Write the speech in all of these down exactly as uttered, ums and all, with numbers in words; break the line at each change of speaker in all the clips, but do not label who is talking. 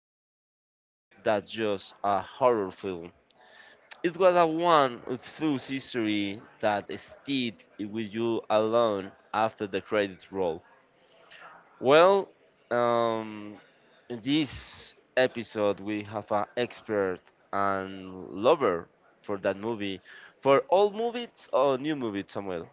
was a more than just a horror film. It was a one with whose history that stayed with you alone after the credits roll. Well, um, in this episode we have an expert and lover for that movie, for old movies or new movies, somewhere.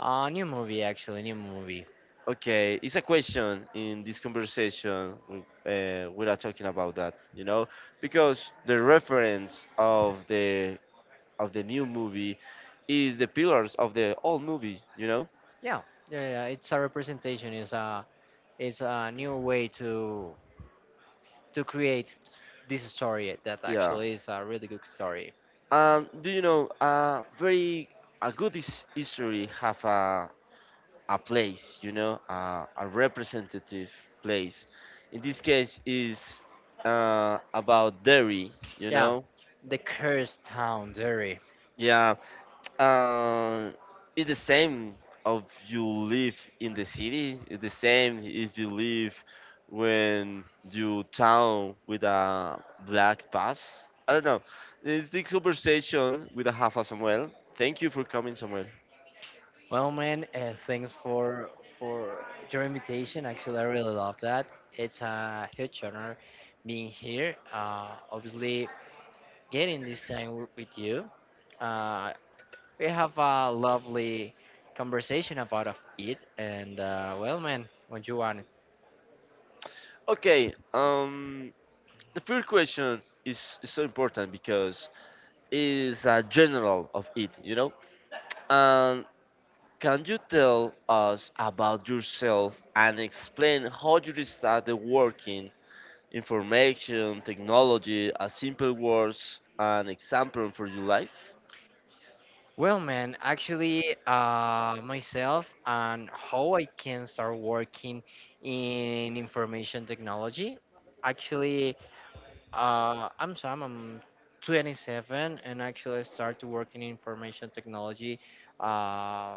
Uh, new movie actually, new movie.
Okay, it's a question in this conversation. Uh, we are talking about that, you know, because the reference of the of the new movie is the pillars of the old movie, you know.
Yeah, yeah, yeah. It's a representation. It's a it's a new way to to create this story that
Yeah.
actually is a really good story.
Um, do you know uh, very a good his- history have a a place, you know, a, a representative place. In this case, is uh, about dairy, you
Yeah,
know.
the cursed town, Derry.
Yeah, Uh, it's the same of you live in the city. It's the same if you live when you town with a black pass. I don't know. It's the conversation with a half a Samuel. Thank you for coming, Samuel.
Well, man, uh, thanks for for your invitation. Actually, I really love that. It's a huge honor being here. Uh, obviously, getting this time w- with you. Uh, We have a lovely conversation about of it, and uh, well, man, what you want?
Okay. Um, the first question is, is so important because it's a general of it, you know. And. Can you tell us about yourself and explain how you started working information technology? A simple words an example for your life?
Well, man, actually, uh, myself and how I can start working in information technology. Actually, uh, I'm Sam. I'm twenty-seven, and actually, I started working in information technology uh,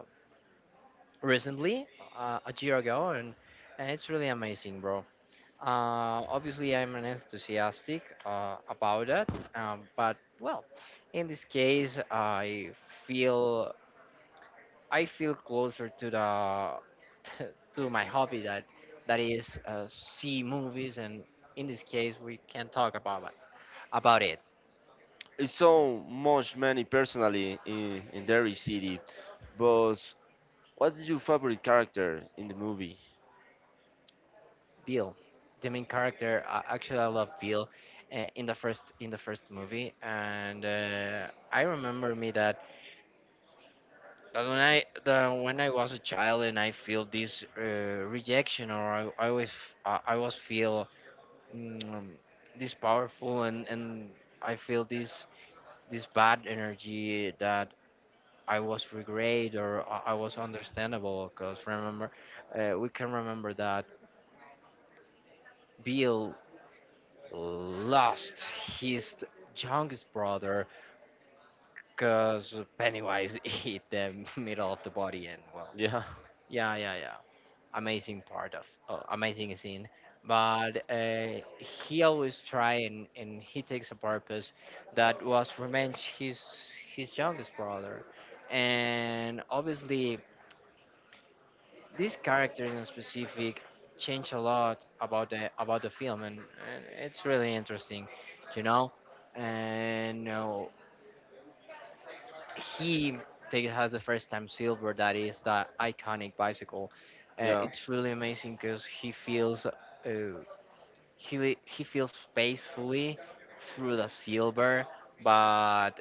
recently, uh, a year ago, and and it's really amazing, bro. Uh, obviously, I'm an enthusiastic uh, about that, um, but well, in this case, I feel I feel closer to the to my hobby that that is uh, see movies, and in this case, we can talk about it- about it.
It's so much many personally in, in Derry City, but what is your favorite character in the movie?
Bill, the main character, uh, actually, I love Bill uh, in the first in the first movie. And uh, I remember me that. But when I the when I was a child and I feel this uh, rejection, or I, I always I I was feel mm, this powerful and and I feel this this bad energy that I was regret, or I, I was understandable because remember uh, we can remember that Bill lost his youngest brother because Pennywise ate the middle of the body. And well,
Yeah,
yeah, yeah, yeah. Amazing part of uh, amazing scene, but uh, he always try, and, and he takes a purpose that was revenge his his youngest brother. And obviously this character in specific changed a lot about the about the film, and, and it's really interesting, you know. And uh, he take, has the first time silver that is the iconic bicycle. Uh,
yeah.
it's really amazing because he feels uh, he he feels peacefully through the silver. But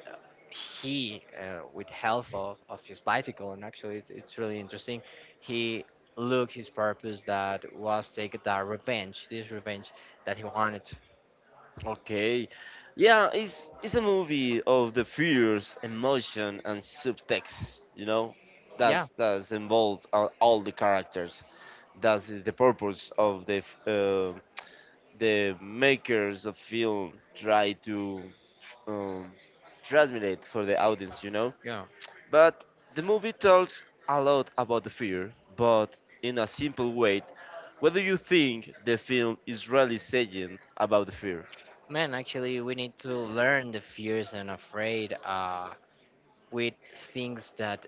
he, uh, with help of, of his bicycle, and actually it's, it's really interesting, he looked his purpose that was take the revenge, this revenge that he wanted.
Okay. Yeah, it's it's a movie of the fears, emotion, and subtext. You know,
Yeah,
that's that's involved are all the characters. That is the purpose of the f- uh, the makers of film try to um, transmit for the audience. You know,
yeah.
but the movie talks a lot about the fear, but in a simple way. Whether you think the film is really saying about the fear?
Man, actually, we need to learn the fears and afraid uh, with things that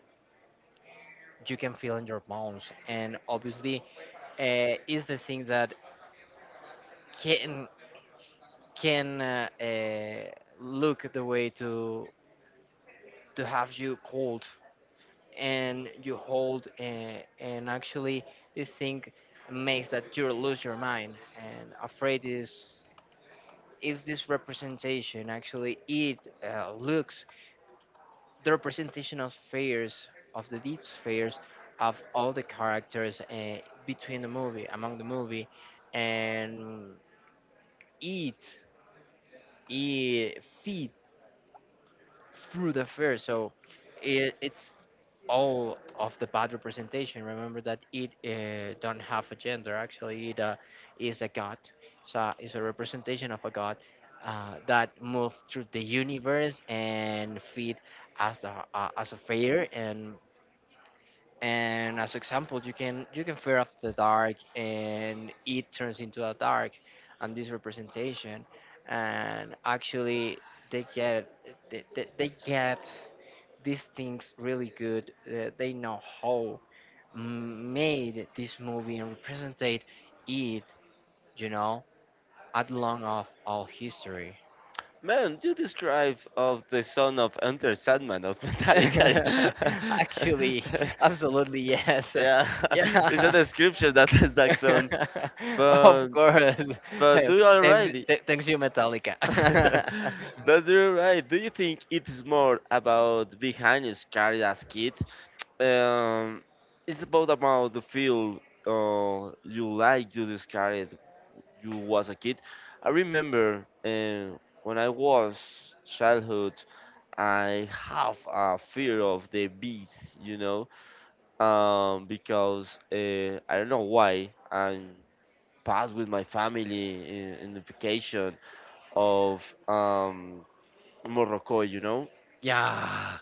you can feel in your bones. And obviously, uh, is the thing that can can uh, uh, look at the way to to have you cold and you hold uh, and actually this thing makes that you lose your mind. And afraid is is this representation. Actually it uh, looks the representation of fears of the deep spheres of all the characters uh, between the movie among the movie. And it it feed through the fair. So it, it's all of the bad representation. Remember that it uh, don't have a gender. Actually, it uh, is a god. So it's a representation of a god uh, that moved through the universe and feed as a uh, as a fair and. And as example, you can you can fear of the dark, and it turns into a dark, and this representation, and actually they get they, they, they get these things really good. Uh, they know how made this movie and represented it, you know, at long of all history.
Man, you describe of the son of Enter Sandman of Metallica.
Actually, absolutely yes.
Yeah, it's a
Yeah.
description that is that song.
Of
But
course.
but do you
thanks,
already?
th- thanks you, Metallica.
But do you right? Do you think it is more about behind his career as kid? Um, it's about about the feel uh, you like you discarded you was a kid. I remember uh, when I was childhood I have a fear of the bees, you know, um, because uh, I don't know why I'm passed with my family in, in the vacation of um, Morocco, you know,
yeah.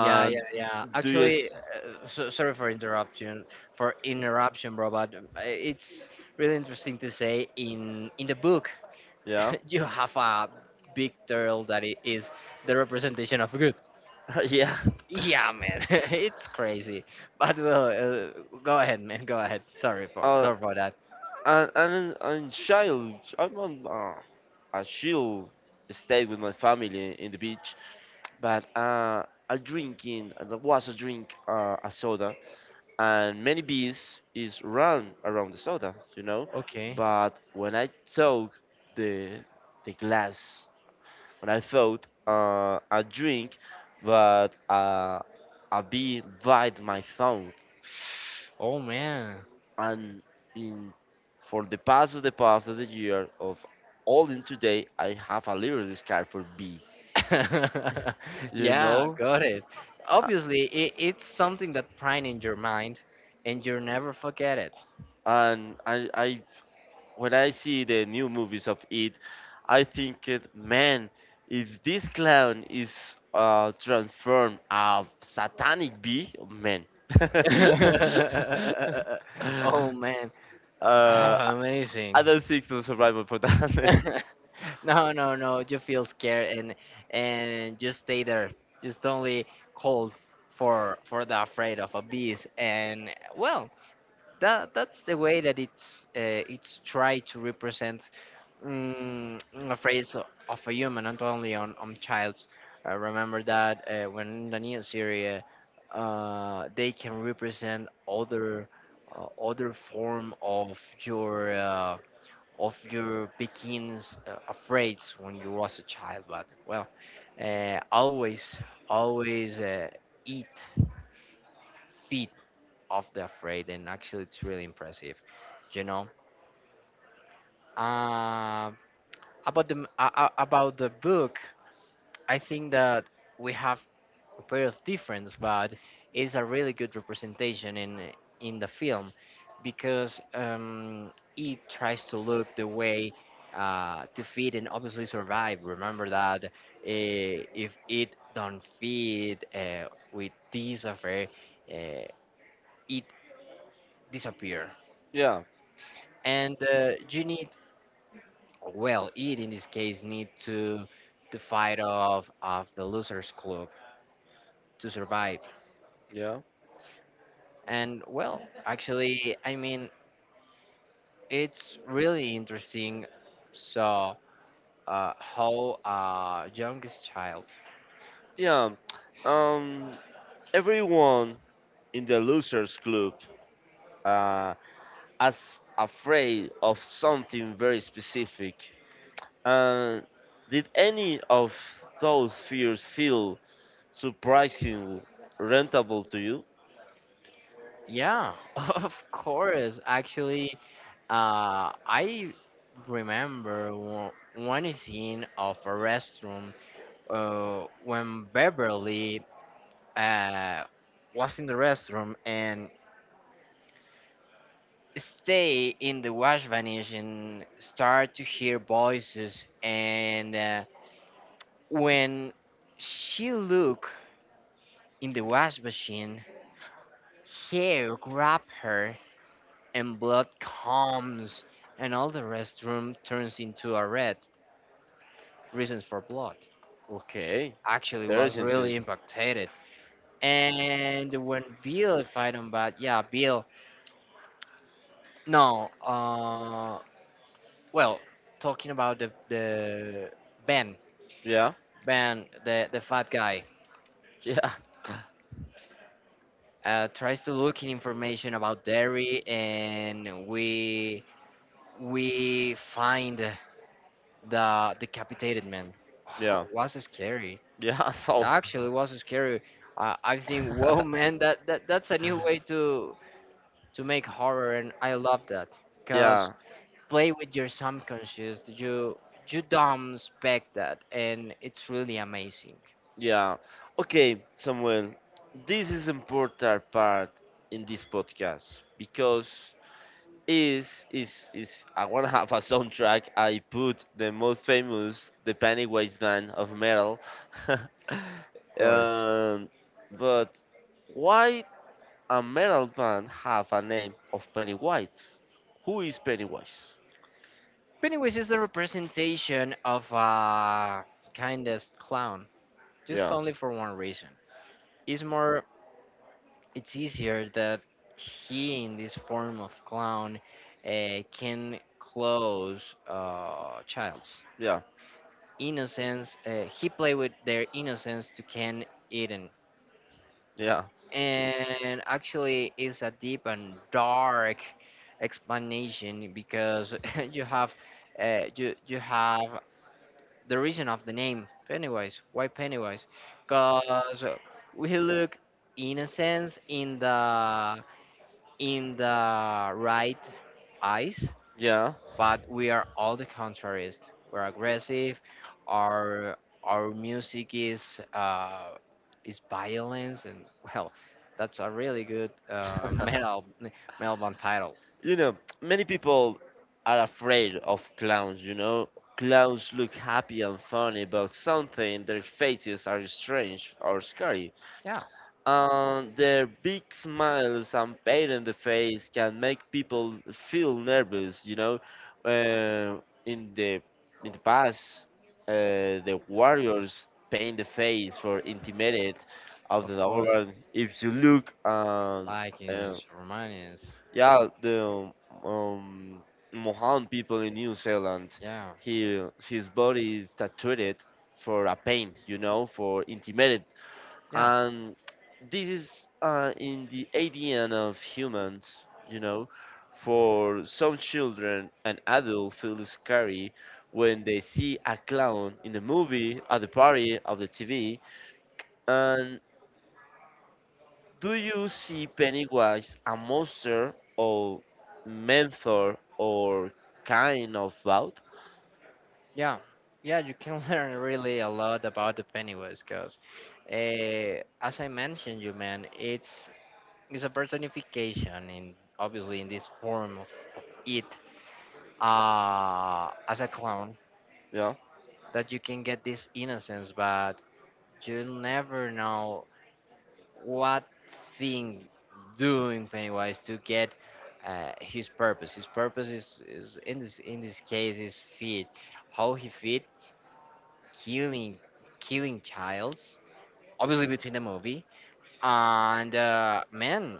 Yeah, yeah, yeah.
do you,
Actually,
s-
uh, so, sorry for interruption, for interruption, bro. But uh, it's really interesting to say in in the book.
yeah,
You have a big turtle that i- is the representation of good.
yeah,
Yeah, man. It's crazy. But well, uh, go ahead, man. Go ahead. Sorry for
uh,
sorry for that.
and and and child, I'm on uh, a chill stay with my family in the beach, but uh, I drinking, and I was a drink uh, a soda and many bees is run around the soda, you know.
Okay.
But when I took the the glass, when I thought uh, a drink, but uh, a bee bite my thumb,
Oh man.
and in for the past of the past of the year of all in today, I have a little discard for bees. You
Yeah,
know,
got it. Obviously, it, it's something that prime in your mind, and you'll never forget it.
and I I when I see the new movies of it, I think, it, man, if this clown is uh, transformed a satanic bee, man. uh,
Oh man. Ah, amazing.
I don't think the survival for that.
No, no, no. You feel scared and and just stay there. Just only cold for for the afraid of a beast. And well, that that's the way that it's uh, it's tried to represent. Mm, I'm afraid so- of a human, not only on on childs. Uh, remember that uh, when in the new Syria, uh, they can represent other uh, other form of your uh, of your begins uh, afraid when you was a child. But well, uh, always always uh, eat feet of the afraid, and actually it's really impressive, you know. Uh, about the uh, uh, about the book. I think that we have a bit of difference, but it's a really good representation in in the film because um, it tries to look the way uh, to feed and obviously survive. Remember that uh, if it don't feed uh, with this affair, uh, it disappear.
Yeah,
And uh, you need well, it in this case need to to fight off of the losers club to survive.
yeah,
And well, actually, I mean, it's really interesting. So, uh, how uh, youngest child?
yeah. Um, Everyone in the losers club uh, as afraid of something very specific. Uh, did any of those fears feel surprisingly rentable to you?
Yeah, of course. Actually, uh, I remember one one scene of a restroom uh, when Beverly uh, was in the restroom and stay in the wash vanish and start to hear voices and. Uh, When she looked in the wash machine, hair grabs her and blood comes, and all the restroom turns into a red. Reasons for blood.
Okay,
Actually, was really
interesting.
impacted. And when Bill, if I don't bad, yeah, Bill. No, uh, well, talking about the the Ben,
Yeah,
Ben, the the fat guy,
yeah,
uh, tries to look in information about dairy, and we we find the decapitated man. Oh,
yeah,
was scary.
yeah. So,
Actually, it was scary. Uh, I think, whoa, man, that, that that's a new way to to make horror, and I love that because
yeah,
play with your subconscious. You you don't expect that, and it's really amazing.
yeah. Okay, Samuel, this is important part in this podcast because is is is I wanna have a soundtrack. I put the most famous, the Pennywise band of metal. um,
Of course.
but why a metal band have a name of Pennywise? Who is Pennywise?
But anyways, it's the representation of a kindest clown, just
Yeah,
only for one reason. It's more it's easier that he, in this form of clown, uh, can close uh, child's
yeah,
innocence. Uh, he play with their innocence to Ken Eden,
yeah,
and actually, it's a deep and dark explanation because you have uh, you you have the reason of the name Pennywise. Why Pennywise? Because we look innocence in the in the right eyes,
yeah.
but we are all the contraries. We're aggressive. Our our music is uh, is violence, and well, that's a really good uh, metal metal band title.
You know, many people are afraid of clowns, you know. Clowns look happy and funny, but something their faces are strange or scary.
Yeah,
And their big smiles and pain in the face can make people feel nervous, you know. Uh, in the in the past, uh, the warriors paint the face for intimidate of
of
the
course.
other. If you look and um,
Vikings, Romanians.
yeah, the um, Mohan people in New Zealand,
Yeah,
he his body is tattooed for a pain, you know, for intimidate,
yeah.
and this is uh, in the A D N of humans, you know. For some children, an adult feels scary when they see a clown in the movie, at the party, of the T V, and. Do you see Pennywise a monster or mentor or kind of both?
Yeah, yeah, you can learn really a lot about the Pennywise because, uh, as I mentioned, you man, it's it's a personification in obviously in this form of it uh, as a clown
Yeah.
that you can get this innocence. But you never know what thing doing Pennywise to get uh, his purpose. His purpose is, is in this in this case is feed. How he feed killing killing childs obviously between the movie. And uh, man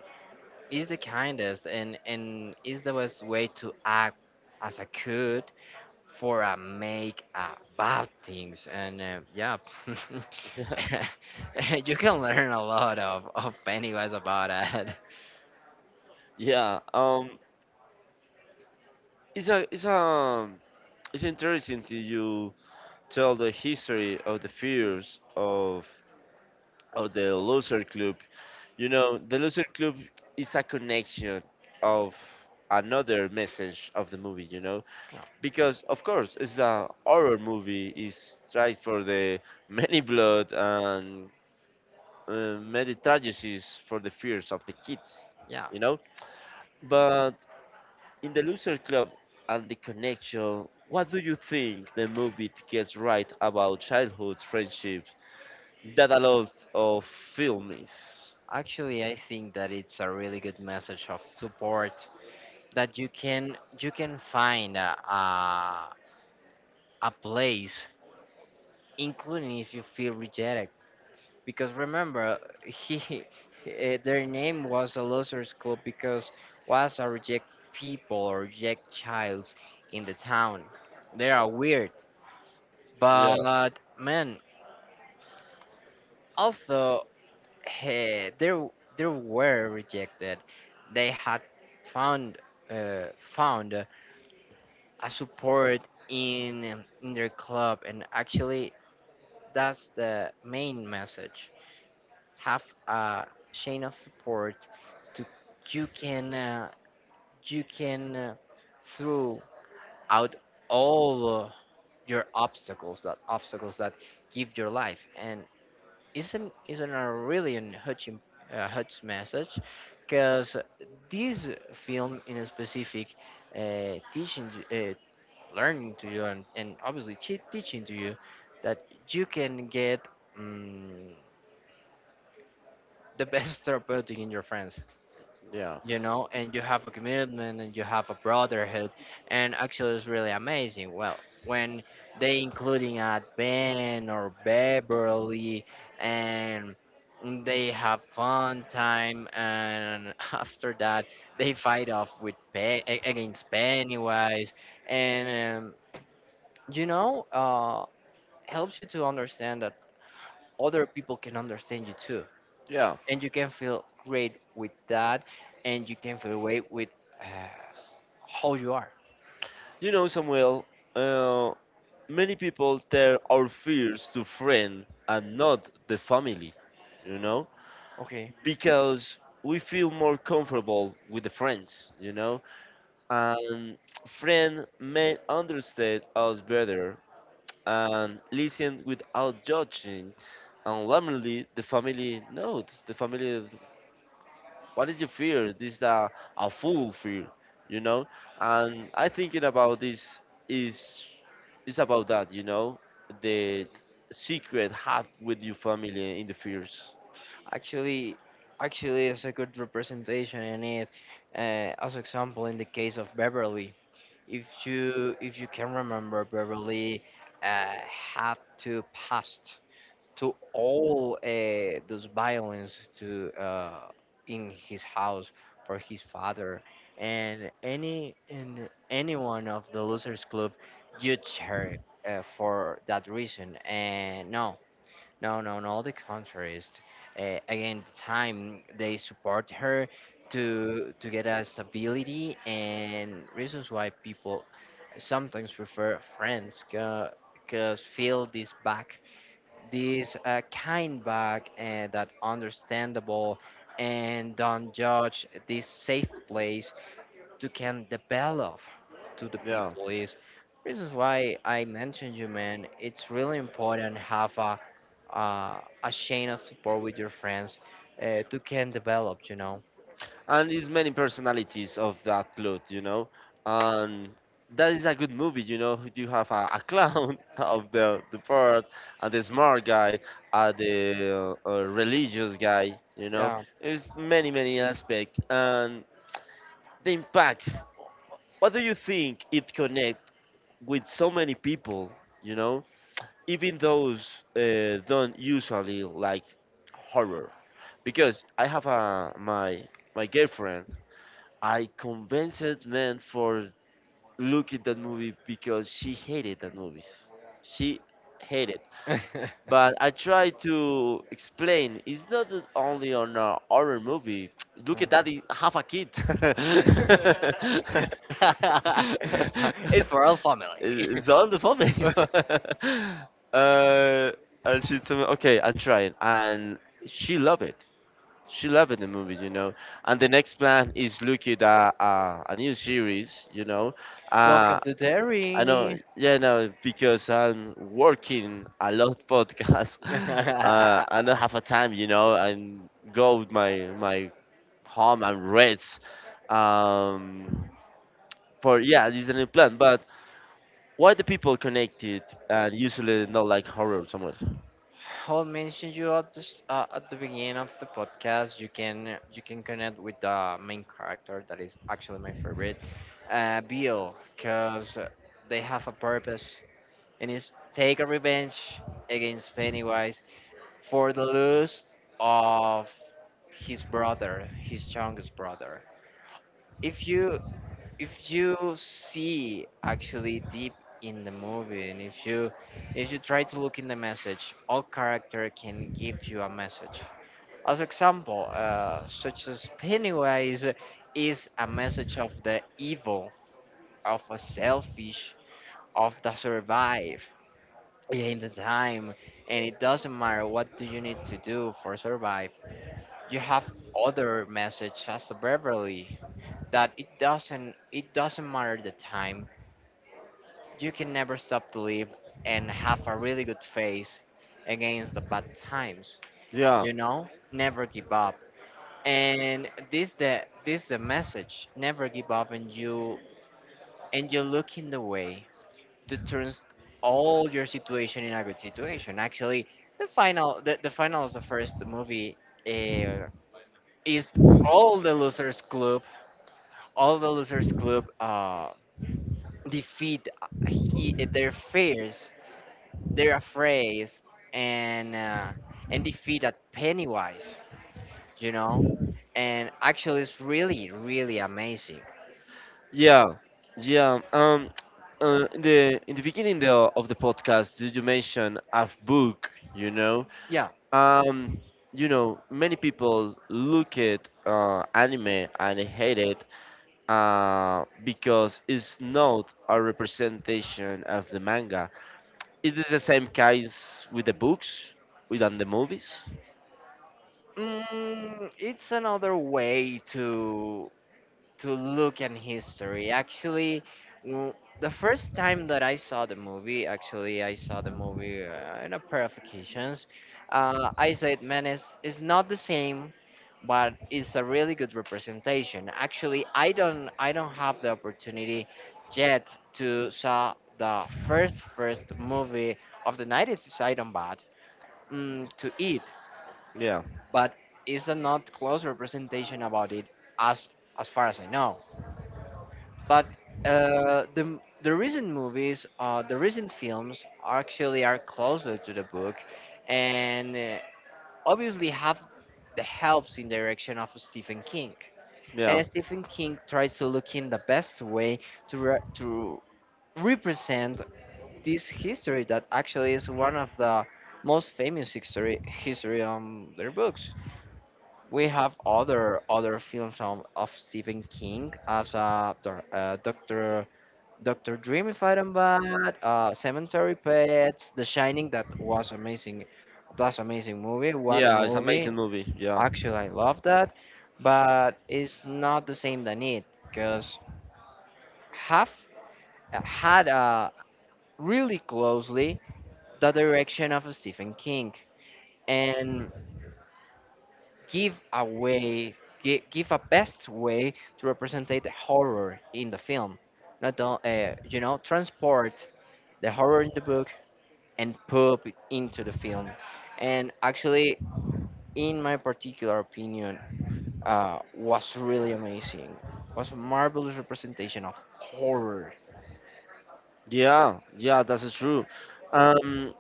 is the kindest and and is the best way to act as a could for a make uh, bad things. And uh, yeah, you can learn a lot of of Pennywise about it.
Yeah, um, it's a it's a it's interesting to you tell the history of the fears of of the loser club. You know, the loser club is a connection of another message of the movie. You know,
Oh.
because of course it's a horror movie. It's tried for the many blood and uh, many tragedies for the fears of the kids,
Yeah,
you know. But in the Loser Club and the Connection, what do you think the movie gets right about childhood friendships that a lot of film is?
actually I think that it's a really good message of support, that you can you can find a a, a place, including if you feel rejected, because remember he eh, their name was a losers club because was a reject people or reject childs in the town. They are weird,
Yeah,
but man, although eh, they they were rejected, they had found uh, found a support in in their club. And actually that's the main message, have a chain of support to you can uh, you can uh, throw out all uh, your obstacles that obstacles that give your life. And isn't isn't a really an hutch im- uh, hutch message because this film in a specific uh, teaching you- uh, learning to you, and, and obviously te- teaching to you that you can get um, the best therapeutic in your friends,
yeah,
you know. And you have a commitment and you have a brotherhood, and actually it's really amazing. Well, when they including at Ben or Beverly, and they have fun time, and after that they fight off with Pe- a- against Pennywise. And um, you know, uh, helps you to understand that other people can understand you too.
yeah.
And you can feel great with that, and you can feel great with. How you are?
You know, Samuel, uh, many people tell our fears to friend and not the family, you know,
Okay.
because we feel more comfortable with the friends, you know and friend may understand us better and listen without judging. And warmly the family note, the family, what did you fear? This is a, a fool fear, you know? And I thinking about this is is about that, you know? The secret have with your family in the fears.
Actually, actually, it's a good representation in it. Uh, as example, in the case of Beverly, if you if you can remember, Beverly uh, had to pass to all uh, those violence to uh, in his house for his father. And any and anyone of the losers club judged her uh, for that reason. And no no, no, no, the contrary. It's, Uh, again, the time they support her to to get a stability and reasons why people sometimes prefer friends because feel this back, this uh, kind back uh, that understandable and don't judge this safe place to can develop to the
Yeah.
people is this is why I mentioned you man it's really important have a uh, a chain of support with your friends uh, to can develop you know
And it's many personalities of that cloth, you know. And that is a good movie, you know. You have a, a clown of the the part, and the smart guy, and the uh, uh, religious guy, you know.
Yeah.
There's many many aspects, and the impact. What do you think it connect with so many people, you know? Even those uh, don't usually like horror, because I have a my my girlfriend I convinced man for look at that movie because she hated that movie. She hated. But I tried to explain. It's not that only on a horror movie. Look at that. It have a kid.
Mhm. It's for all family.
It's all the funny. uh, and she told me, okay, I'm trying, and she loved it she loved the movie, you know. And the next plan is looking at uh, a new series, you know. Uh,
Welcome to
I know,
dairy.
yeah, no, because I'm working a lot podcast, uh, and I have a time, you know, and go with my my home and rest. Um, for yeah, this is a new plan. But why the people connected and usually not like horror so much?
I'll mention you at the s- uh, at the beginning of the podcast, you can you can connect with the main character that is actually my favorite, uh, Bill, because they have a purpose, and it's take a revenge against Pennywise for the loss of his brother, his youngest brother. If you if you see actually deep in the movie and if you if you try to look in the message all character can give you a message as example uh, such as pennywise is a message of the evil of a selfish of the survive in the time and it doesn't matter what do you need to do for survive you have other message as the beverly that it doesn't it doesn't matter the time. You can never stop to live and have a really good face against the bad times.
Yeah.
You know, never give up. And this the this the message. Never give up, and you and you look in the way to turn all your situation in a good situation. Actually, the final the, the final of the first movie uh, is all the losers club. All the losers club uh, defeat uh, he, their fears they're afraid and uh, and defeat at Pennywise, you know, and actually it's really really amazing.
Yeah, yeah. Um, uh, in the in the beginning the, of the podcast, did you mention a book. You know,
Yeah,
um, you know, many people look at uh, anime and hate it uh, because it's not a representation of the manga. It is the same case with the books, with and the movies.
mm, it's another way to to look at history. Actually, w- the first time that I saw the movie, actually, I saw the movie uh, in a pair of occasions. Uh, I said, man, it's, it's not the same, but it's a really good representation. Actually, I don't, I don't have the opportunity yet to saw the first first movie of the nineties side on bad mm, to it,
Yeah,
but it's a not close representation about it as as far as I know. But uh, the the recent movies, uh, the recent films, are actually are closer to the book, and uh, obviously have the helps in direction of Stephen King.
yeah,
And Stephen King tries to look in the best way to re- to represent this history that actually is one of the most famous history history on their books. We have other other films of, of Stephen King as a uh, Doctor Dr. Dreamy Fight and Bad, uh, Cemetery Pets, The Shining, that was amazing. That's amazing movie. What a
yeah. It's amazing
movie.
movie. Yeah.
Actually, I love that. But it's not the same than it, because have had uh, really closely the direction of Stephen King and give a way, gi- give a best way to represent the horror in the film. Not, o- uh, you know, transport the horror in the book and put it into the film. And actually, in my particular opinion, uh, was really amazing. Was a marvelous representation of horror.
Yeah, yeah, that's true. Um,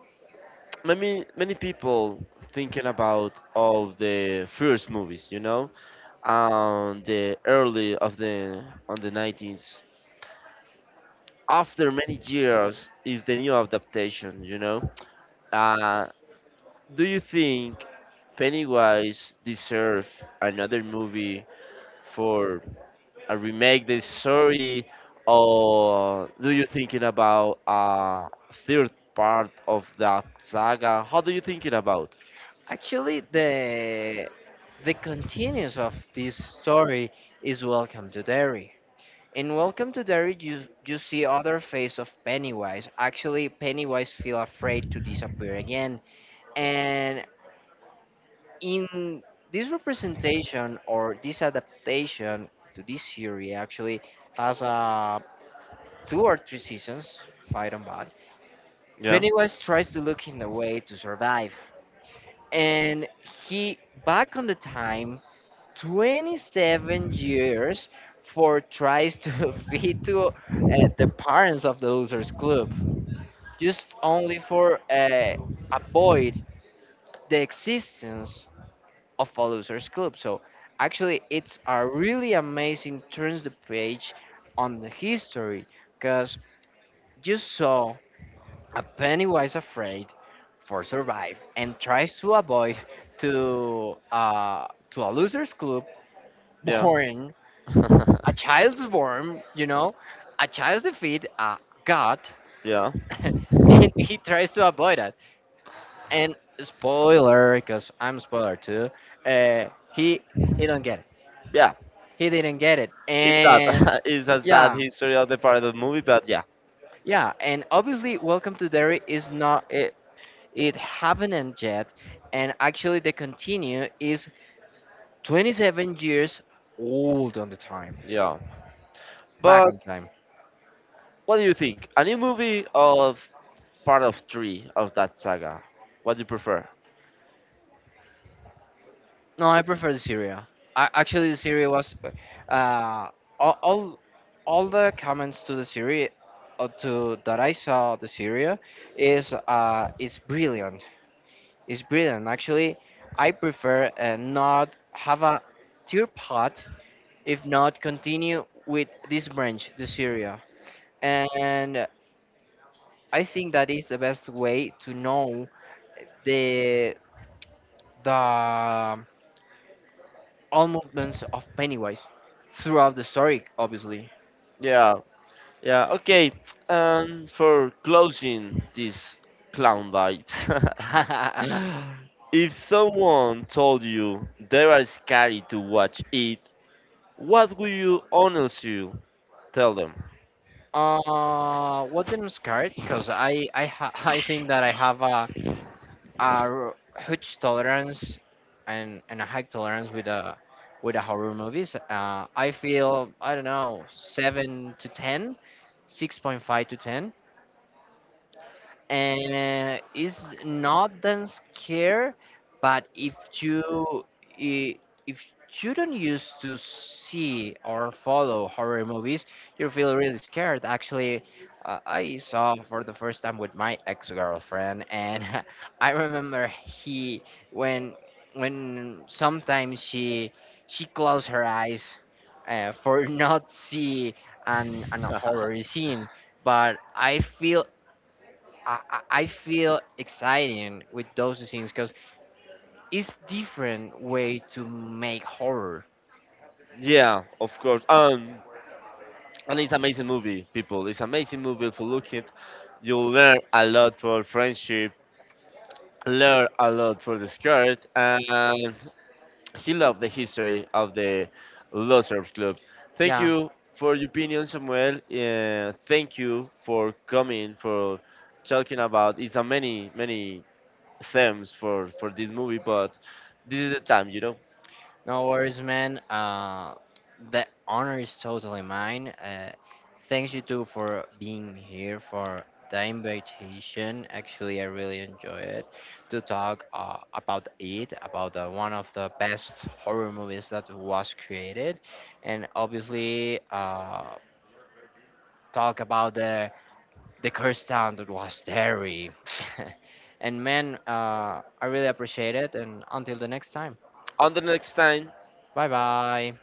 Many many people thinking about all the first movies, you know, um the early of the on the nineties after many years is the new adaptation, you know. uh do you think Pennywise deserve another movie for a remake the story, or do you thinking about a third part of that saga? How do you thinking about?
Actually, the the continuance of this story is Welcome to Derry. In Welcome to Derry, you you see other face of Pennywise. Actually, Pennywise feel afraid to disappear again, and in this representation or this adaptation to this theory actually has uh, two or three seasons, if I don't bad.
Yeah,
Pennywise tries to look in a way to survive, and he back on the time twenty-seven years for tries to feed to uh, the parents of the losers club, just only for uh, avoid the existence of a losers club. So actually, it's a really amazing turns the page on the history because you saw a Pennywise afraid for survive and tries to avoid to uh, to a losers club
yeah,
born a child's born, you know, a child's defeat, a god,
yeah,
and he tries to avoid it. And spoiler, because I'm spoiler too. Uh, he he don't get it.
yeah.
He didn't get it.
It's sad.
And
It's a sad
yeah,
history of the Parenthood movie, but yeah,
yeah, and obviously Welcome to Derry is not it, it have happened yet and actually the continue is twenty-seven years old on the time,
yeah.
back on
But
time.
what do you think? A new movie of part of three of that saga? What do you prefer?
No, I prefer the Syria. I, actually the Syria was uh all all, all the comments to the Syria uh, to that I saw the Syria is uh is brilliant. Is brilliant. Actually, I prefer uh, not have a tear pot, if not continue with this branch, the Syria. And I think that is the best way to know the the um, all movements of Pennywise throughout the story, obviously.
Yeah, yeah. Okay. And for closing this clown vibes,
uh,
if someone told you they are scary to watch it, what would you honestly tell them?
what the next card? Because I I ha- I think that I have a a huge tolerance and, and a high tolerance with a with a horror movies. Uh, I feel I don't know seven to ten, six point five to ten and it's not that scare but if you i- if you don't used to see or follow horror movies you feel really scared actually uh, I saw for the first time with my ex-girlfriend and I remember he when when sometimes she she closed her eyes uh, for not see an, an horror scene but I feel I, I I feel exciting with those scenes because it's different way to make horror.
Yeah, of course. Um, And it's amazing movie, people. It's amazing movie. If you look it, you'll learn a lot for friendship, learn a lot for the skirt, and he loved the history of the Losers Club. Thank
Yeah,
you for your opinion, Samuel. Uh, thank you for coming, for talking about. It's a many, many themes for for this movie, but this is the time, you know.
no worries, man. Uh, the honor is totally mine. Uh, thanks you two for being here for the invitation. Actually, I really enjoy it to talk uh, about it, about the, one of the best horror movies that was created, and obviously uh, talk about the the curse town that was Derry. And man, uh, I really appreciate it. And until the next time,
On the next time.
bye bye.